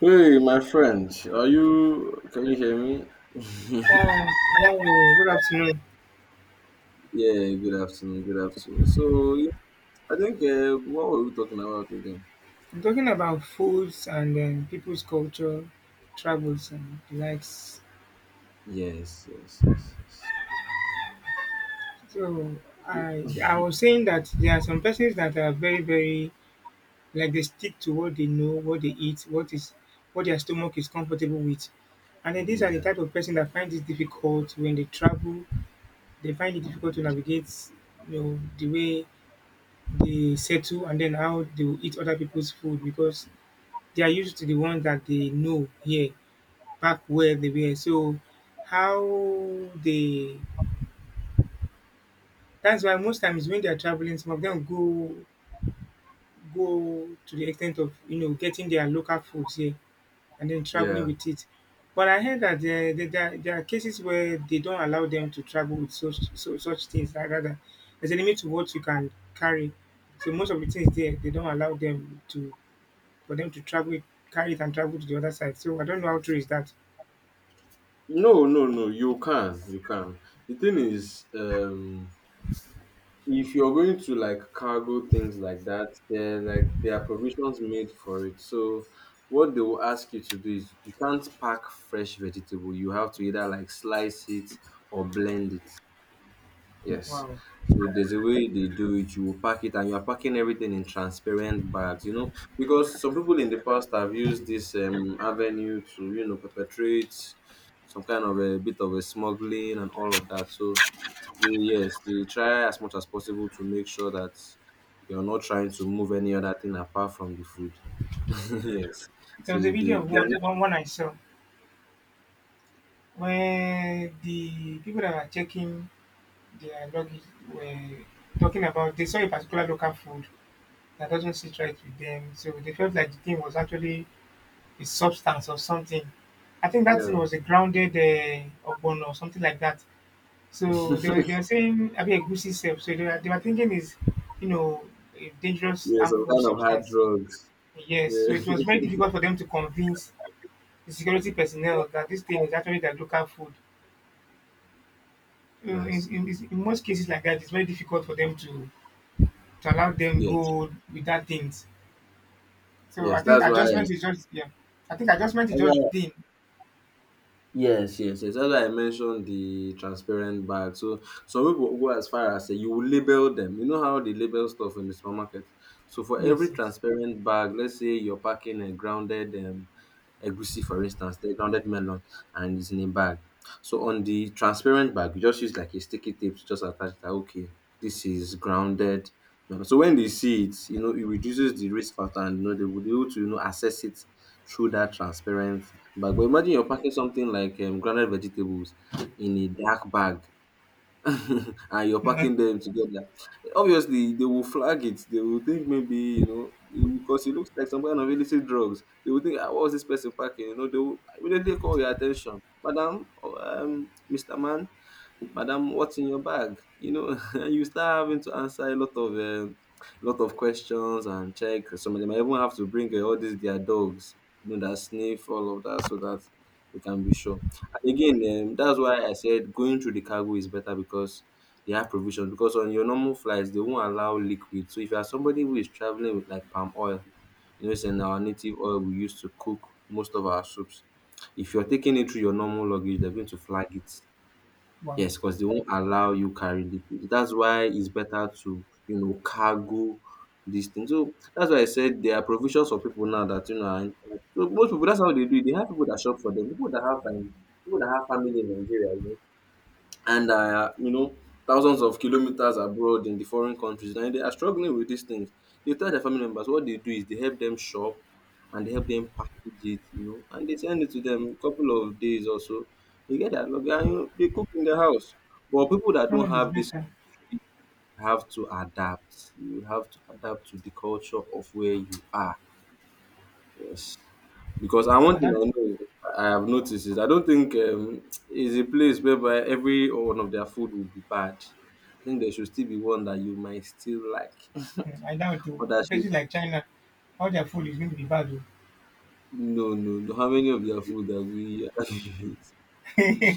Hey, my friend, are you? Can you hear me? Uh, Hello, good afternoon. Yeah, good afternoon. Good afternoon. So, yeah, I think what were we talking about again? I'm talking about foods and people's culture, travels, and the likes. Yes, yes, yes, yes. So, I was saying that there are some persons that are very, very like they stick to what they know, what they eat, what their stomach is comfortable with. And then these are the Yeah, type of person that find it difficult when they travel. They find it difficult to navigate, the way they settle and then how they will eat other people's food because they are used to the ones that they know here, back where they were. So how they that's why most times when they are traveling, some of them go to the extent of getting their local foods here and then traveling yeah. with it. But I heard that there are cases where they don't allow them to travel with such things. Like rather, there's a limit to what you can carry. So most of the things there, they don't allow them to for them to travel it, carry it and travel to the other side. So I don't know how true is that. No, no, no. You can, you can. The thing is, if you're going to like cargo things like that, there like there are provisions made for it. So, what they will ask you to do is you can't pack fresh vegetable. You have to either like slice it or blend it. Yes. Wow. So there's a way they do it. You will pack it, and you are packing everything in transparent bags. You know, because some people in the past have used this avenue to perpetrate some kind of a bit of a smuggling and all of that. So they, yes, they try as much as possible to make sure that you're not trying to move any other thing apart from the food. Yes. There was a So video of they one I saw when the people that were checking their luggage were talking about they saw a particular local food that doesn't sit right with them, so they felt like the thing was actually a substance of something. I think that thing yeah. was a grounded ogbono or something like that. So they were saying, I mean, a goosey self. So they were thinking is you know a dangerous Yeah, some harmful kind of hard substance. drugs. Yes, so it was Yeah. very difficult for them to convince the security personnel that this thing is actually their local food. You know, Yes. In most cases like that, it's very difficult for them to allow them Yes. go without things. So I Yes, think that's why. adjustment is just, yeah. I think adjustment is That's just why. the thing. Yes, yes, yes. That's why I mentioned the transparent bag. So some people go as far as say you will label them. You know how they label stuff in the supermarket. So for Yes, every yes. transparent bag, let's say you're packing a grounded egusi, for instance, the grounded melon, and it's in a bag. So on the transparent bag, you just use like a sticky tape to just attach that. Okay, this is grounded melon. So when they see it, you know, it reduces the risk factor, and you know they will be able to assess it through that transparent bag. But imagine you're packing something like grounded vegetables in a dark bag and you're packing them together. Obviously, they will flag it. They will think maybe, you know, because it looks like some kind of illicit drugs. They will think, ah, what was this person packing? You know, they will immediately call your attention. Madam, or, Mr. Man, madam, what's in your bag, you know? And you start having to answer a lot of questions and check. Some of them I even have to bring all these their dogs, you know, that sniff all of that so that they can be sure. And again, that's why I said going through the cargo is better because they have provisions, because on your normal flights they won't allow liquid. So if you are somebody who is traveling with like palm oil, you know, it's in our native oil we use to cook most of our soups. If you're taking it through your normal luggage, they're going to flag it. Wow, Yes, because they won't allow you carry liquid. That's why it's better to, you know, cargo these things. So that's why I said there are provisions for people now that you know. Are, in- so most people, that's how they do it. They have people that shop for them. People that have family in Nigeria and are, you know, thousands of kilometers abroad in the foreign countries, and they are struggling with these things. They tell their family members what they do is they help them shop, and they help them package it, you know, and they send it to them a couple of days or so. They get that luggage, and you know, they cook in the house. But people that that don't one is have this better. have to adapt. You would have to adapt to the culture of where you are. Yes. Because I, one And thing that I know is that I have noticed is I don't think is a place whereby every one of their food will be bad. I think there should still be one that you might still like. Hmm, I doubt Or to that should. places like China, all their food is going to be bad. No, no, no. How many of their food that we Oh.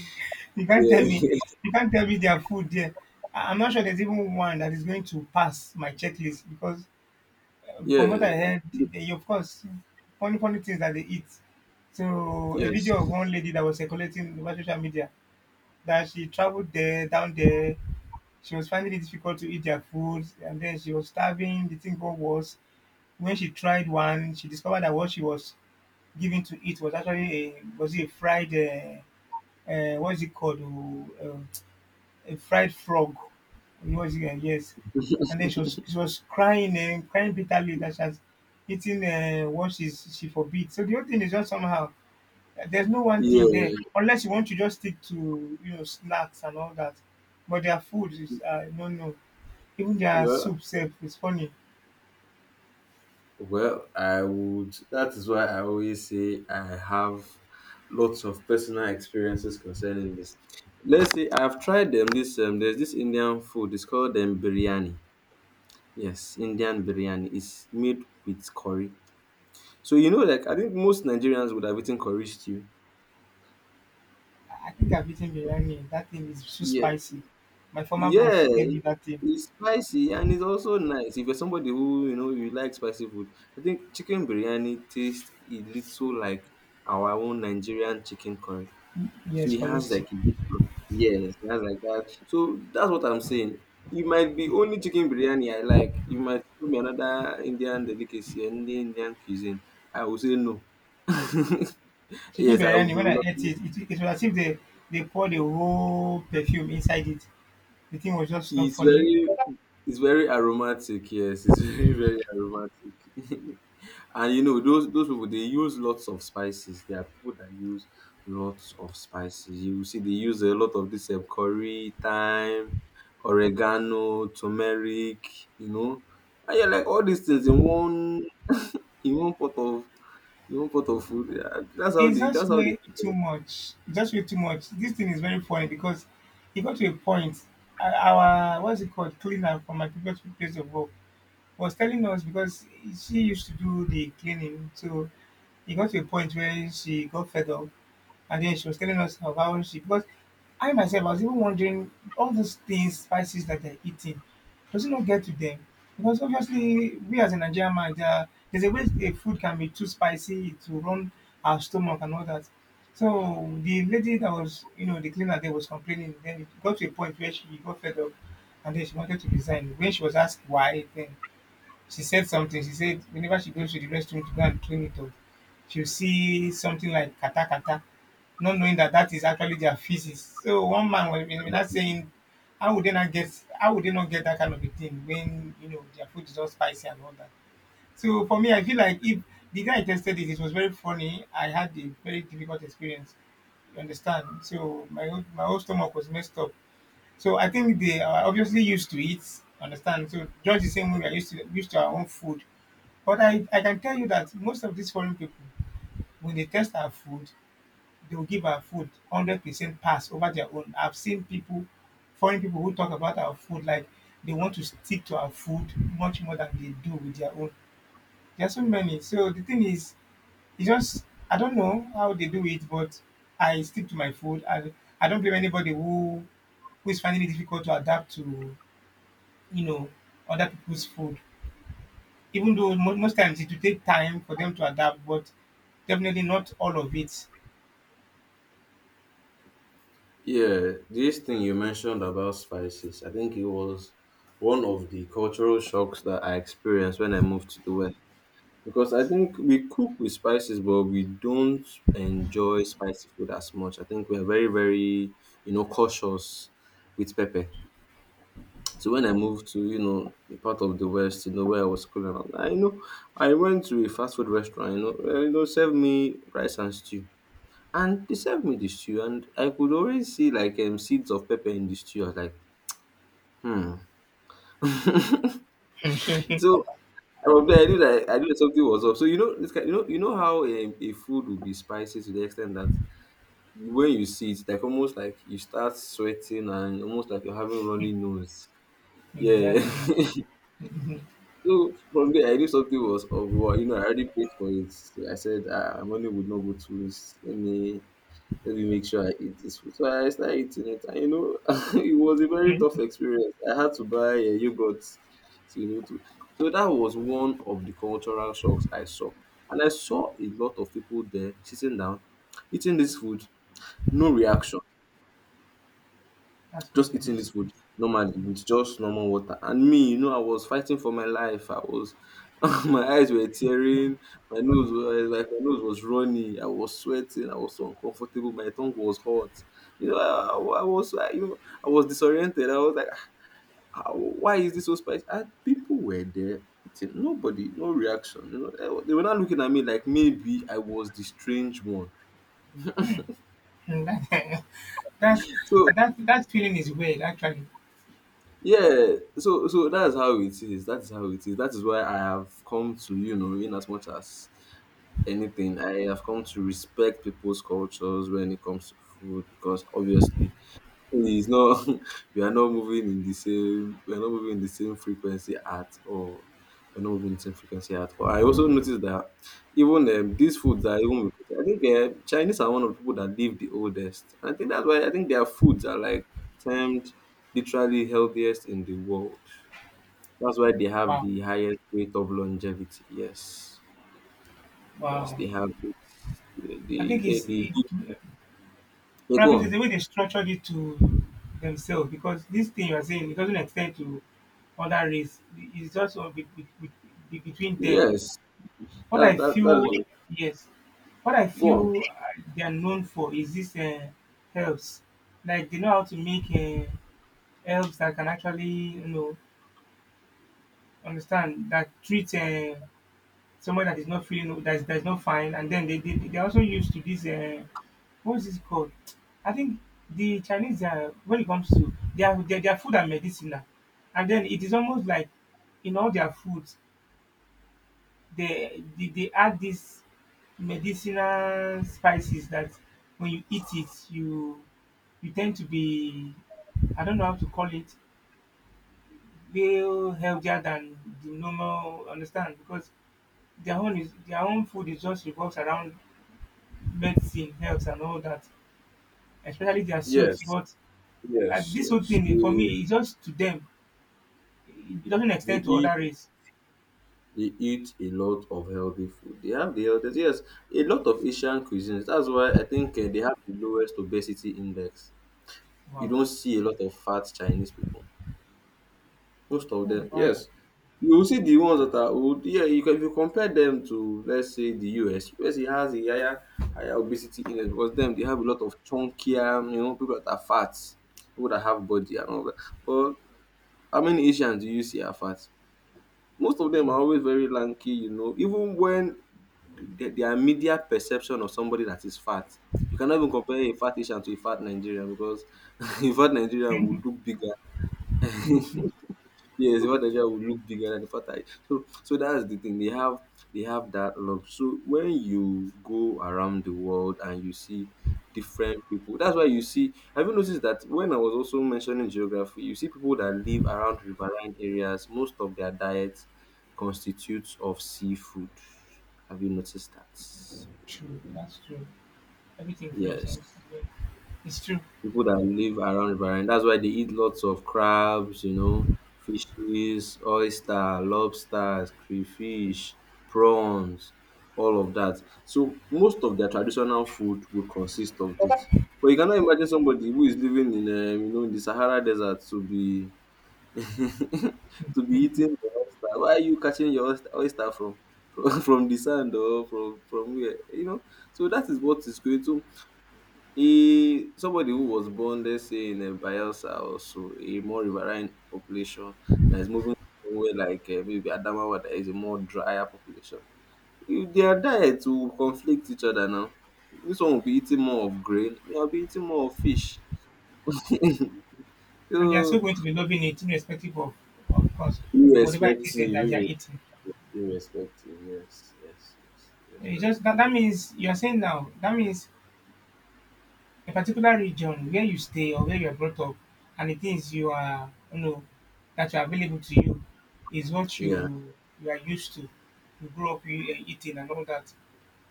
you can't tell me yeah. you can't tell me their food there. I'm not sure there's even one that is going to pass my checklist. Because From what Yeah. I heard, they, of course, funny, funny things that they eat. So, a video of one Yes. lady that was circulating over social media that she traveled there, down there. She was finding it difficult to eat their food, and then she was starving. The thing got worse. When she tried one, she discovered that what she was given to eat was actually a, was it a fried, what is it called? Uh, uh, a fried frog. It was here, yes. And then she was crying and crying bitterly that she has eaten what she forbid. So the whole thing is just somehow, there's no one Yeah. thing there unless you want to just stick to snacks and all that. But their food is, no, no. Even their Well, soup self, is funny. well, I would. That is why I always say I have lots of personal experiences concerning this. Let's say I've tried them. This There's this Indian food. It's called biryani. Yes, Indian biryani. It's made with curry. So you know, like I think most Nigerians would have eaten curry stew. I think I've eaten biryani. That thing is too Yeah, spicy. My former boss yeah. gave me that thing. It's spicy and it's also nice. If you're somebody who you know you like spicy food, I think chicken biryani tastes a little like our own Nigerian chicken curry. So Yes, he has correct. like a bit of, yes, he has like that. So that's what I'm saying. It might be only chicken biryani I like. You might tell me another Indian delicacy, any Indian cuisine. I will say no. Chicken Yes, I will biryani, be when I ate reluctant. it, it was as if they they poured the whole perfume inside it. The thing was just not It's funny. very, it's very aromatic, yes. It's very, very aromatic. And you know, those people they use lots of spices. There are people that use lots of spices. You will see they use a lot of this curry, thyme, oregano, turmeric, you know. And you're like, all these things in one in one pot of in one pot of food. Yeah, It's just that's how they way too do much. Just way too much. This thing is very funny because it got to a point. Our what's it called cleaner from my previous place of work was telling us because she used to do the cleaning, so it got to a point where she got fed up. And then she was telling us of how she, because I myself I was even wondering, all those things, spices that they're eating, does it not get to them? Because obviously we as a Nigerian man, there's a way a food can be too spicy to run our stomach and all that. So the lady that was, you know, the cleaner there was complaining. Then it got to a point where she got fed up, and then she wanted to resign. When she was asked why, then she said something. She said whenever she goes to the restroom to go and clean it up, she'll see something like kata kata, not knowing that that is actually their feces. So one man was not it. saying, how would they not get, how would they not get that kind of a thing when you know their food is all spicy and all that. So for me, I feel like if the guy tested it, it was very funny. I had a very difficult experience. You understand? So my whole stomach was messed up. So I think they are obviously used to it. Understand? So just the same way we are used to our own food. But I can tell you that most of these foreign people, when they test our food, they will give our food 100% pass over their own. I've seen people, foreign people who talk about our food like they want to stick to our food much more than they do with their own. There are so many. So the thing is, it's just, I don't know how they do it, but I stick to my food. I don't blame anybody who is finding it difficult to adapt to you know other people's food, even though most times it will take time for them to adapt, but definitely not all of it. Yeah, this thing you mentioned about spices, I think it was one of the cultural shocks that I experienced when I moved to the West. Because I think we cook with spices, but we don't enjoy spicy food as much. I think we are very, very, you know, cautious with pepper. So when I moved to, you know, a part of the West, you know, where I was schooling, I, you know, I went to a fast food restaurant, you know, eh, you know, serve me rice and stew. And they served me the stew, and I could already see like seeds of pepper in the stew. I was like, hmm. So from there, I knew that something was up. So you know, this kind, you know how a food will be spicy to the extent that when you see it, like almost like you start sweating and almost like you're having runny nose. Yeah. Exactly, So from there, I knew something was up. Well, you know, I already paid for it. So I said, ah, money would not go to waste. Let me make sure I eat this food. So I started eating it, and you know, it was a very tough experience. I had to buy a yogurt, so, you know, to. So that was one of the cultural shocks I saw, and I saw a lot of people there sitting down, eating this food, no reaction. that's what Just I eating used this to it. food normally with just normal water. And me, you know, I was fighting for my life. I was, my eyes were tearing, my nose was runny. I was sweating. I was so uncomfortable. My tongue was hot. You know, you know, I was disoriented. I was like, "Ah, ah, why is this so spicy?" And people were there eating. Nobody, no reaction. You know, they were not looking at me like maybe I was the strange one. And that- that's So that that feeling is weird, actually. yeah, so that's how it is. That is how it is. That is why I have come to, you know, in as much as anything, I have come to respect people's cultures when it comes to food because obviously it's not we are not moving in the same frequency at all. We're not moving in the same frequency at all. I also noticed that even these foods are even, I think Chinese are one of the people that live the oldest. And I think that's why I think their foods are like termed literally healthiest in the world. That's why they have Wow. the highest rate of longevity. Yes. Yes, Wow. they have it. They, I they, think they, it's they, it they go probably it's the on. way they structured it to themselves because this thing you are saying, it doesn't extend to other race. It's just, between them. Yes. What I That's feel, it. yes, what I Go on. feel, they are known for is this, herbs. Like they know how to make herbs that can actually understand, that treat, someone that is not feeling, that is not fine, and then they are also used to this. What's this called? I think the Chinese, when it comes to their food and medicine, and then it is almost like in all their foods they add these medicinal spices that when you eat it you tend to be, I don't know how to call it, feel healthier than the normal, understand, because their own food is just revolves around medicine, health and all that, especially their soups. Yes. But Yes, this whole yes. thing, for me, it's just to them it doesn't they extend to other eat race. they eat a lot of healthy food. They have the healthiest. Yes, a lot of Asian cuisines. That's why I think they have the lowest obesity index. You Wow. don't see a lot of fat Chinese people. Most of Oh, them, wow. yes. You will see the ones that are old. Yeah, you can, if you compare them to let's say the US. US it has a higher obesity index because them they have a lot of chunkier, you know, people that are fat, people that have body and all that. But how many Asians do you see are fat? Most of them True, are always very lanky, you know, even when their media perception of somebody that is fat. You cannot even compare a fat Asian to a fat Nigerian because a fat Nigerian would look bigger. Yes, the fact that Nigeria will look bigger than the fact that so that's the thing. They have that look. So when you go around the world and you see different people, that's why you see. Have you noticed that when I was also mentioning geography, you see people that live around riverine areas. Most of their diet constitutes of seafood. Have you noticed that? true, that's true. Everything French and, Yes. it's true. People that live around riverine. That's why they eat lots of crabs, you know, fishes, oyster, lobsters, crayfish, prawns, all of that. So most of their traditional food will consist of this. But you cannot imagine somebody who is living in, you know, in the Sahara Desert to be to be eating the oyster. Why are you catching your oyster from from the sand or from where? You know. So that is what is going to he somebody who was born, let's say in Bayelsa or so, a more riverine population that is moving somewhere like maybe Adamawa, that is a more drier population. If their diets will conflict each other now. This one will be eating more of grain, they will be eating more of fish. And they are still So going to be loving it, irrespective of course, of whatever it is that Irrespective, that they are irre- eating. irrespective. Yes, yes, yes. It just Irrespective of that it. means you are saying now, that means a particular region where you stay or where you are brought up and the things you are, that are available to you is what Yeah. you are used to. You grew up eating and all that.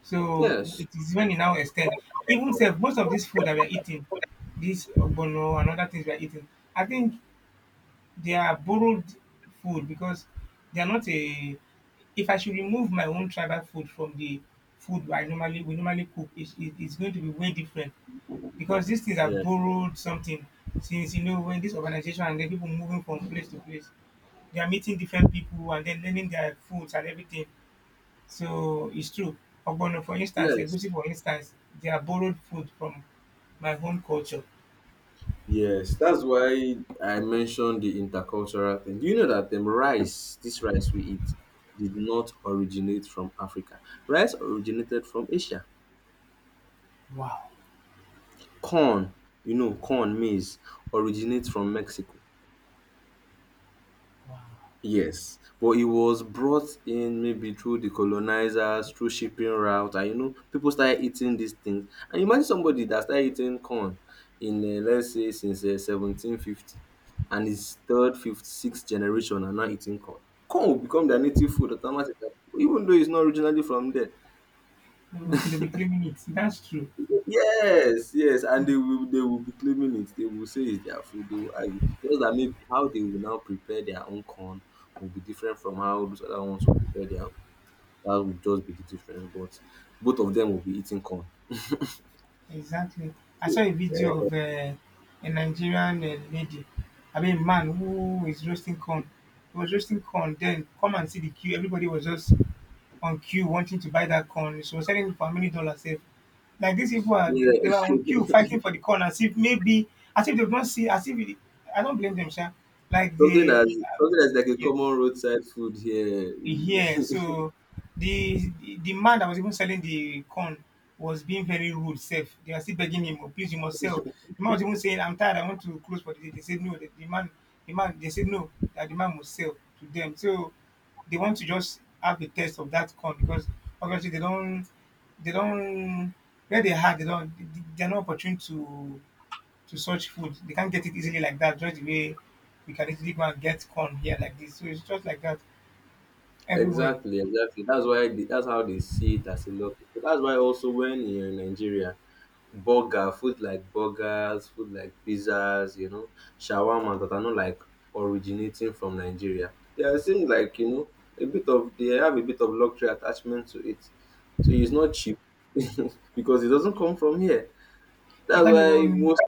So Yes, it is when you now extend, even self, most of this food that we are eating, this ogbono and other things we are eating, I think they are borrowed food because they are not a. If I should remove my own tribal food from the food I normally we normally cook, it's going to be way different because these things are Yeah. borrowed something. Since you know when this organization and then people moving from place to place, they are meeting different people and then learning their foods and everything. So it's true. Ogbono, for instance, Yes. egusi, for instance, they are borrowed food from my home culture. Yes, that's why I mentioned the intercultural thing. Do you know that them rice, this rice we eat, did not originate from Africa? Rice originated from Asia. Wow. Corn, you know, corn, maize originates from Mexico. Yes, but it was brought in maybe through the colonizers, through shipping route, and you know, people started eating these things. And imagine somebody that started eating corn in, let's say, since 1750, and his third, fifth, sixth generation are now eating corn. Corn will become their native food automatically, even though it's not originally from there. They'll be claiming it. That's true. Yes, yes, and they will be claiming it. They will say it's their food. They will argue just that maybe how they will now prepare their own corn will be different from how those other ones will prepare their own. That would just be the difference. But both of them will be eating corn. Exactly. I saw So, a video eh, of a Nigerian lady, I mean, man who is roasting corn. He was roasting corn. Then come and see the queue. Everybody was just on queue wanting to buy that corn. She was selling it for how many dollars? Sef. Like these people are, they were on queue yeah. fighting for the corn as if maybe, as if they don't see, as if it, I don't blame them, sha. Like Something they, that's something that's like a yeah. common roadside food here. Yeah, so the the man that was even selling the corn was being very rude self. They are still begging him, oh, please, you must sell. The man was even saying, I'm tired, I want to close for the day. They said no, the man the man they said no, that the man must sell to them. So they want to just have a test of that corn because obviously they don't where they are they don't they're not opportune to search food. They can't get it easily like that, just the way we can easily go and get corn here like this. So it's just like that everywhere. Exactly, exactly. That's why the, that's how they see it as a lot. That's why also when you're in Nigeria, burger, food like burgers, food like pizzas, you know, shawarma that are not like originating from Nigeria. They are seem like, you know, a bit of they have a bit of luxury attachment to it. So it's not cheap because it doesn't come from here. You That's can't why even. most.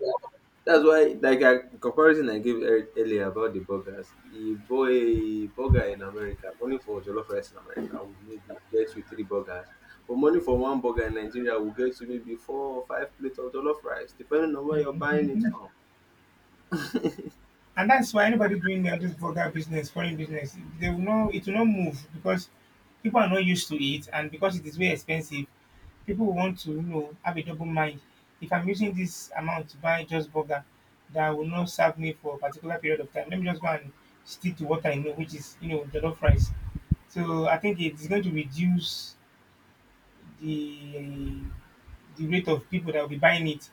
That's why, like I comparison I gave earlier about the burgers, a boy burger in America, money for jollof rice in America would maybe get you three burgers, but money for one burger in Nigeria will get you maybe four or five plates of jollof rice, depending on where you're buying it Mhm. from. And that's why anybody doing this vulgar business, foreign business, they will not. It will not move because people are not used to it, and because it is very expensive, people will want to have a double mind. If I'm using this amount to buy just burger that will not serve me for a particular period of time, let me just go and stick to what I know, which is jollof rice. So I think it's going to reduce the the rate of people that will be buying it.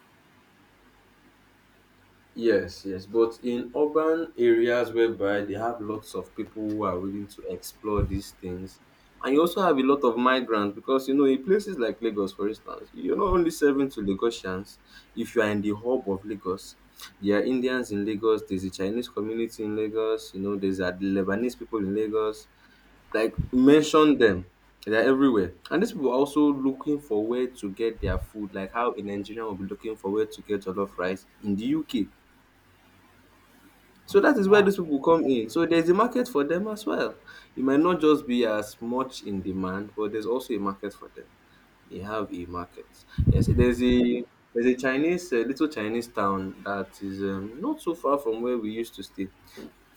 Yes, yes, but in urban areas whereby they have lots of people who are willing to explore these things, and you also have a lot of migrants because you know in places like Lagos, for instance, you're not only serving to Lagosians. If you are in the hub of Lagos, there are Indians in Lagos. There's a Chinese community in Lagos. You know, there's a Lebanese people in Lagos. Like mention them. They're everywhere. And these people are also looking for where to get their food, like how a Nigerian will be looking for where to get jollof rice in the UK, so that is where Wow. these people come in. So there's a market for them as well. It might not just be as much in demand, but there's also a market for them. They have a market. Yes, there's a Chinese a little Chinese town that is not so far from where we used to stay.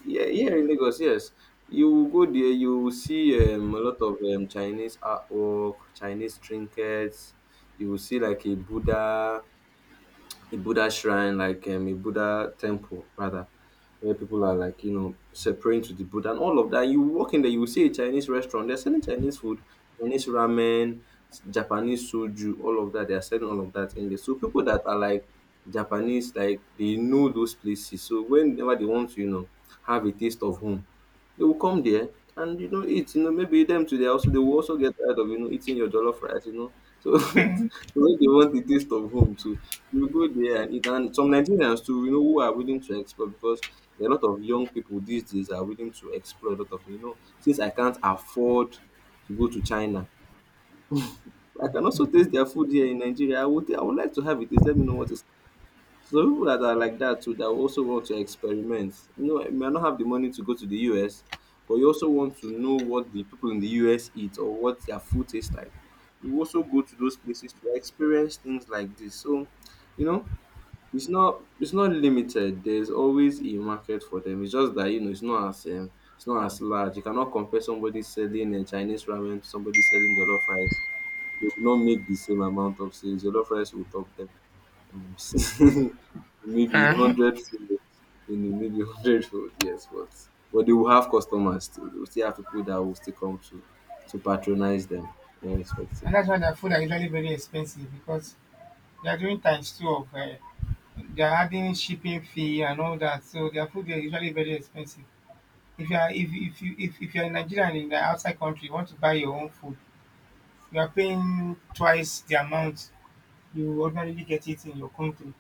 Yeah, here in Lagos, yes. You will go there, you will see a lot of Chinese artwork, Chinese trinkets. You will see like a Buddha shrine, like a Buddha temple, rather, where people are like, you know, praying to the Buddha and all of that. You walk in there, you will see a Chinese restaurant. They're selling Chinese food, Chinese ramen, Japanese soju, all of that. They are selling all of that in there. So people that are like Japanese, like they know those places. So whenever they want to, you know, have a taste of home, they will come there and, you know, eat. You know, maybe them too, they will also get tired of, you know, eating your jollof rice, you know. So because they want the taste of home too. You go there and eat and some Nigerians too, you know, who are willing to explore because there are a lot of young people these days are willing to explore a lot of things. You know, since I can't afford to go to China, I can also taste their food here in Nigeria. I would like to have it. Please let me know what it is. So people that are like that too, that also want to experiment. You know, you may not have the money to go to the US, but you also want to know what the people in the US eat or what their food tastes like. You also go to those places to experience things like this. So, you know, it's not limited. There's always a market for them. It's just that you know it's not as large. You cannot compare somebody selling a Chinese ramen to somebody selling jollof rice. They will not make the same amount of sales. Jollof rice will top them um, maybe in hundred field, in maybe hundred field, yes, but they will have customers still. They will still have people that will still come to patronize them, irrespective. And that's why their food are usually very expensive because they are doing times two of they are adding shipping fee and all that. So their food is usually very expensive. If you are if you're in Nigeria and in the outside country, you want to buy your own food, you are paying twice the amount you ordinarily get it in your country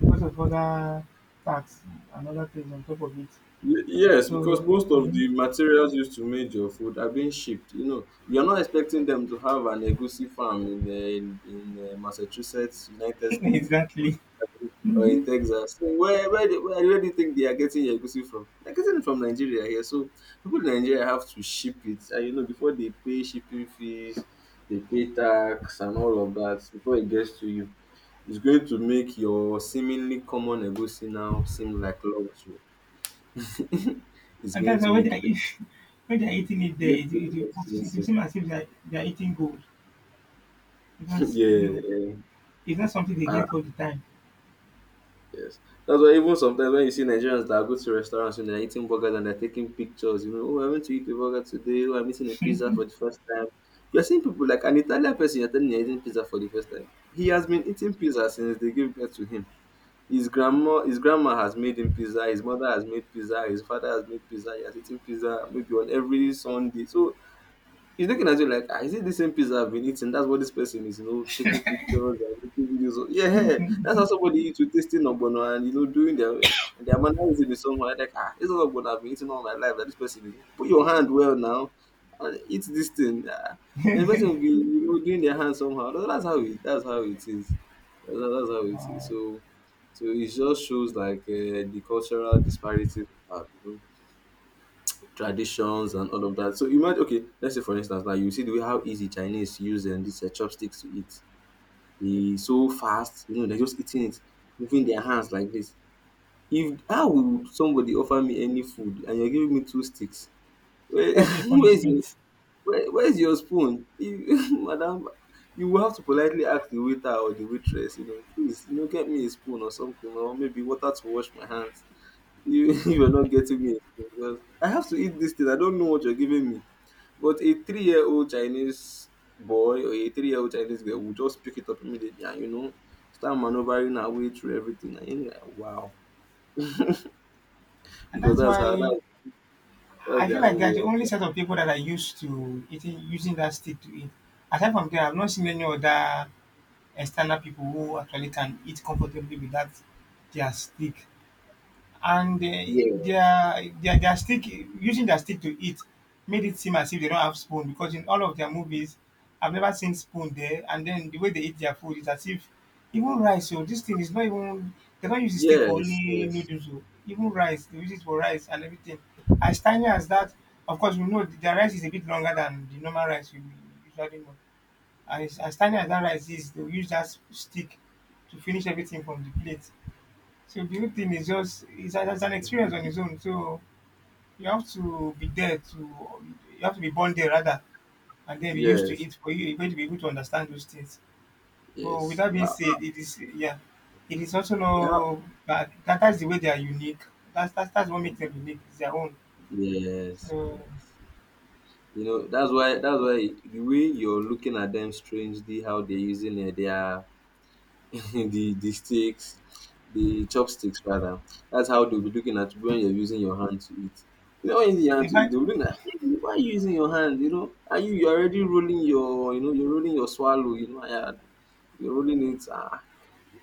because of other tax and other things on top of it. Yes, because So most of mhm, the materials used to make your food are being shipped. You know, you're not expecting them to have an egusi farm in Massachusetts, United States, or exactly. in, or in Texas. So where do you think they are getting your egusi from? They're getting it from Nigeria here. So people in Nigeria have to ship it. And you know, before they pay shipping fees, they pay tax and all of that before it gets to you. It's going to make your seemingly common egusi now seem like luxury. it's And going that's to why when they make are it eating, when they are eating it there, it's it, going to it, make it, it it, it expensive. seems as if they are eating gold because you Yeah, know yeah. it's not something they Ah, get all the time. yes. That's why even sometimes when you see Nigerians that go to restaurants and they're eating burgers and they're taking pictures, you know, oh, I went to eat a burger today, oh, I'm eating a pizza That for the first time. You're seeing people like an Italian person, you're telling you're eating pizza for the first time. He has been eating pizza since they gave birth to him. His grandma has made him pizza. His mother has made pizza. His father has made pizza. He has eaten pizza maybe on every Sunday. So he's looking at you like, ah, is it the same pizza I've been eating? That's what this person is, you know, taking pictures and making videos of. Yeah, hey, that's how somebody eats with tasting ogbono and you know doing their and they're analyzing it someone like, ah, this is ogbono I've been eating all my life. That this person is put your hand well now and eat this thing. Ah. And the person will be you know doing their hand somehow. That's how it. That's how it is. That's how it is. So, so it just shows like the cultural disparities. We have, you know, traditions and all of that. So imagine, okay, let's say for instance, like you see the way how easy Chinese use these chopsticks to eat. They so fast, you know, they're just eating it, moving their hands like this. If how would somebody offer me any food and you're giving me two sticks? Where, would be a where's your punishment. where, where's your spoon, madam? You will have to politely ask the waiter or the waitress, you know, please, you know, get me a spoon or something, or maybe water to wash my hands you you are not getting me because I have to eat this thing. I don't know what you're giving me. But a 3-year old Chinese boy or a 3-year old Chinese girl will just pick it up immediately and you know start maneuvering her way through everything. And you're like, wow, And because that's that's how why that, that's I feel their like own way. they're the only Of, set of people that are used to eating using that stick to eat. Aside from them, I've not seen any other external people who actually can eat comfortably with that their stick. And they, yeah, their stick, using their stick to eat made it seem as if they don't have spoon, because in all of their movies I've never seen spoon there. And then the way they eat their food is as if even rice, so this thing is not even, they don't use the stick for yes, only yes, noodles o, even rice they use it for rice and everything, as tiny as that. Of course we know their rice is a bit longer than the normal rice we usually know. As tiny as that rice is, they will use that stick to finish everything from the plate. So the whole thing is just it's an experience on its own. So you have to be there to, you have to be born there rather, and then be used to yes, it for you, you're going to be able to understand those things. But with yes, that being yeah, said, it is yeah, it is also yeah, no that, that's the way they are unique. That's that's what makes them unique. It's their own. yes, So yes. That's why the way you're looking at them strangely, how they're using it, their the sticks, the chopsticks rather. That's how they'll be looking at when you're using your hand to eat. You know, when you use your they hand to eat, might they'll be looking at, "Hey, why are you using your hand? Are you you're already rolling your you're rolling your swallow. Yeah, you're rolling it. Ah,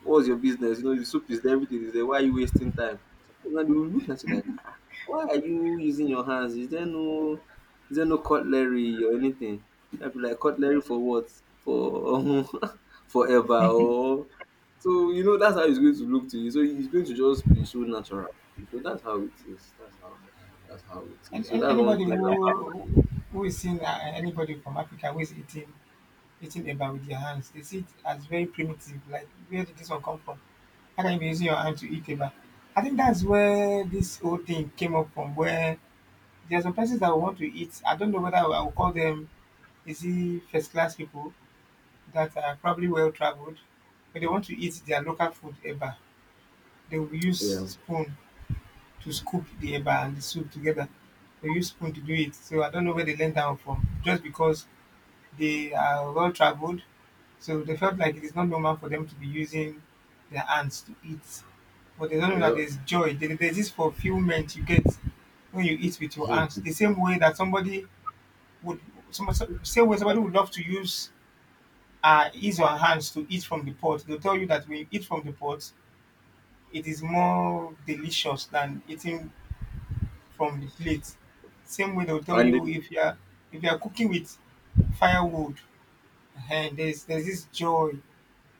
what's your business? You know, the soup is there, everything is there. Why are you wasting time? Now they will look at you like, ah, why are you using your hands? Is there no cutlery or anything?" I'd be like, "Cutlery for what? For forever?" Or so that's how it's going to look to you. So it's going to just be so natural. So that's how it is. That's how it is. So that's one anybody thing about who is seeing anybody from Africa who is eating eba with their hands, they see it as very primitive. Like where did this one come from? How can you be using your hand to eat a bar? I think that's where this whole thing came up from. Where there are some persons that want to eat. I don't know whether I will call them, is it first class people that are probably well traveled, but they want to eat their local food eba. They will use yeah. spoon to scoop the eba and the soup together. They use spoon to do it. So I don't know where they learn that one from. Just because they are well traveled, so they felt like it is not normal for them to be using their hands to eat. But they don't know that Well, there's joy. There's this fulfillment you get when you eat with your hands. The same way that somebody would, same way somebody would love to use his or her hands to eat from the pot. They'll tell you that when you eat from the pot, it is more delicious than eating from the plate. Same way they'll tell and the, you if you are cooking with firewood, and there's this joy,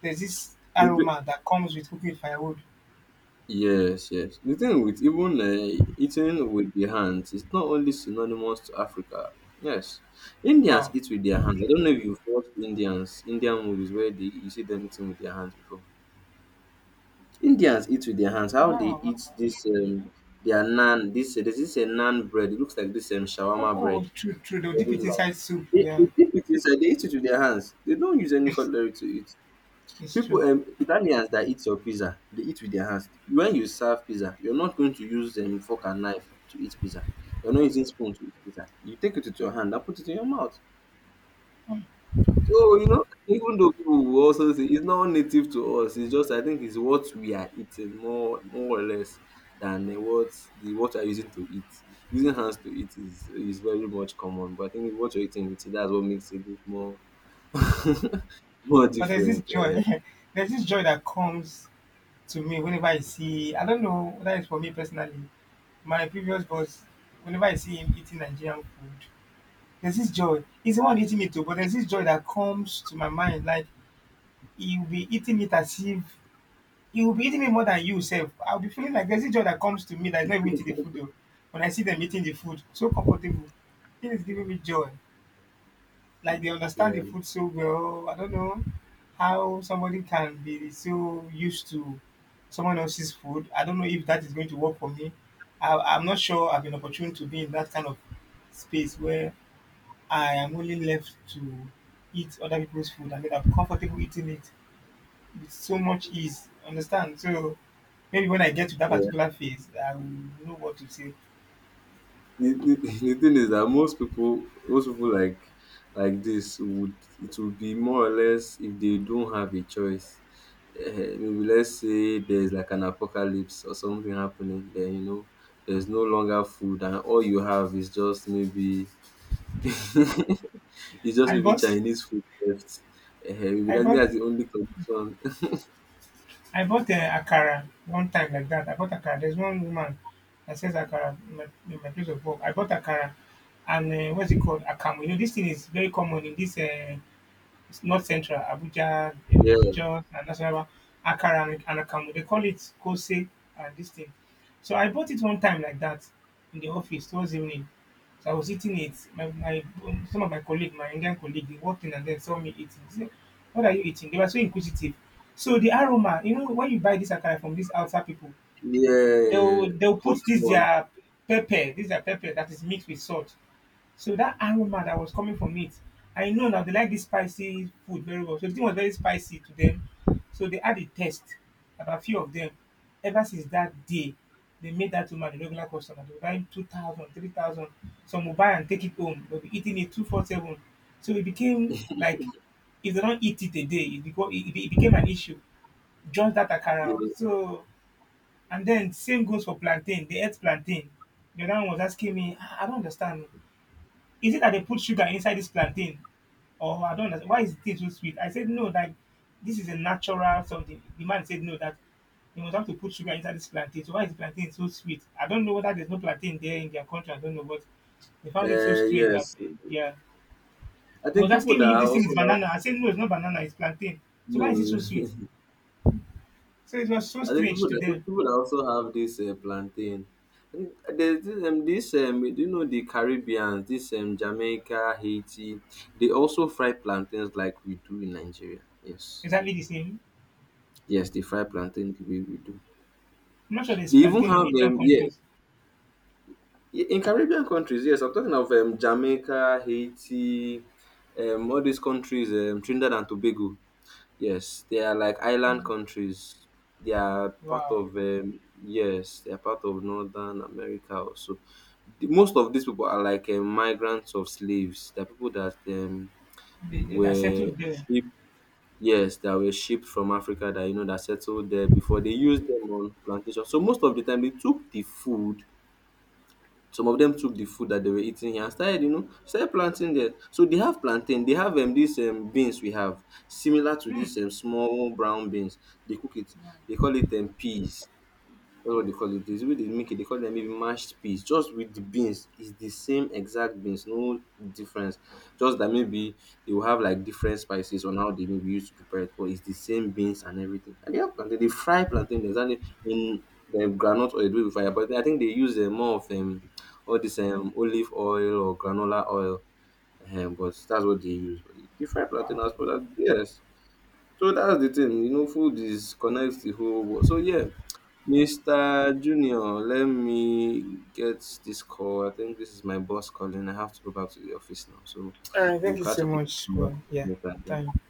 there's this the, aroma that comes with cooking with firewood. yes, yes. The thing with even eating with the hands is not only synonymous to Africa. Yes, Indians Wow. eat with their hands. I don't know if you've watched Indians, Indian movies where they, you see them eating with their hands before. Indians eat with their hands. How they Wow, wow. eat this their naan? This There's this a naan bread. It looks like this Oh, shawarma oh, bread. true, true. They'll dip Very it light. inside soup. They Yeah, dip it inside. They eat it with their hands. They don't use any cutlery to eat. it's People true. Italians that eat your pizza, they eat with their hands. When you serve pizza, you're not going to use fork and knife to eat pizza. You're not using spoon to eat pizza. You take it with your hand and put it in your mouth. So you know, even though people will also say it's not native to us, it's just I think it's what we are eating more or less than what we are using to eat. Using hands to eat is very much common, but I think what you're eating with it, that's what makes it a bit more more But there's this different. joy. There's this joy that comes to me whenever I see. I don't know whether it's for me personally. My previous boss, whenever I see him eating Nigerian food, there's this joy. He's the one eating it too, but there's this joy that comes to my mind. Like he'll be eating it as if it will be eating me more than you self. I'll be feeling like there's a joy that comes to me that is not even to the food oh, when I see them eating the food so comfortable. It is giving me joy. Like they understand the Yeah. food so well. I don't know how somebody can be so used to someone else's food. I don't know if that is going to work for me. I'm not sure I've been opportune to be in that kind of space where I am only left to eat other people's food and then I'm comfortable eating it with so much ease. Understand? So maybe when I get to that Yeah. particular phase, I will know what to say. The thing is that most people like this would it would be more or less if they don't have a choice, maybe let's say there's like an apocalypse or something happening, then you know there's no longer food and all you have is just maybe it's just I maybe bought, chinese food left, maybe I bought, that's the only condition. I bought akara one time like that. I bought akara. There's one woman that sells akara in my place of work. I bought akara and what's it called? Akamu. You know, this thing is very common in this North Central, Abuja, Yeah. Jos, and Nasarawa, Akara and Akamu. They call it Kose and this thing. So I bought it one time like that in the office towards evening. So I was eating it. My some of my colleague, my Indian colleague, they walked in and then saw me eating. They said, "What are you eating?" They were so inquisitive. So the aroma, you know, when you buy this akara from these outside people, Yeah. they'll Hot put one. This their pepper that is mixed with salt. So that aroma that was coming from it, I know now they like this spicy food very well. So the thing was very spicy to them. So they had a test about a few of them. Ever since that day, they made that woman a regular customer. They were buying 2,000, 3,000. Some will buy and take it home. They'll be eating it 247. So it became like, if they don't eat it a day, it, beco- it, be- it became an issue. Just that Yeah. akara. So, and then same goes for plantain. They ate plantain. The other one was asking me, I don't understand, is it that they put sugar inside this plantain? Or I don't understand. Why is it so sweet? I said, no, like, this is a natural something. The man said, no, that they must have to put sugar inside this plantain. So why is the plantain so sweet? I don't know whether there's no plantain there in their country. I don't know, but they found it so strange that, yes, yeah. I He was think people asking me that if this thing also is banana. have. I said, no, it's not banana, it's plantain. So No, why is it so sweet? I So it was so think strange to them. people that also have this plantain. I think there's this, do you know the Caribbeans, this Jamaica, Haiti, they also fry plantains like we do in Nigeria. Yes, Exactly the same. yes, they fry plantain the way we do. I'm not sure there's They even plantain in have Asian yeah, countries. In Caribbean countries. Yes, I'm talking of Jamaica, Haiti, all these countries, Trinidad and Tobago. Yes, they are like island Mm. countries. They are part Wow. of yes, they are part of Northern America also. Most of these people are like migrants of slaves. They're people that They are were settled there. shipped. Yes, that were shipped from Africa. That you know that settled there before they used them on plantations. So most of the time they took the food, some of them took the food that they were eating here and started, you know, started planting there. So they have plantain, they have these beans we have, similar to these small brown beans. They cook it, they call it peas. That's what they call it. This way they make it. They call them maybe mashed peas. Just with the beans, it's the same exact beans, no difference. Just that maybe they will have like different spices on how they maybe used to prepare it, but it's the same beans and everything. And they have plantain. They fry plantain. There's only in the granite oil they do it with fire, but I think they use more of all this olive oil or granola oil. But that's what they use. But they fry Wow. plantain as well. Yes. So that's the thing. You know, food is connects the whole world. So yeah, Mr. Junior, let me get this call. I think this is my boss calling. I have to go back to the office now. So All right, we'll thank you catch so up much for yeah, your later. time.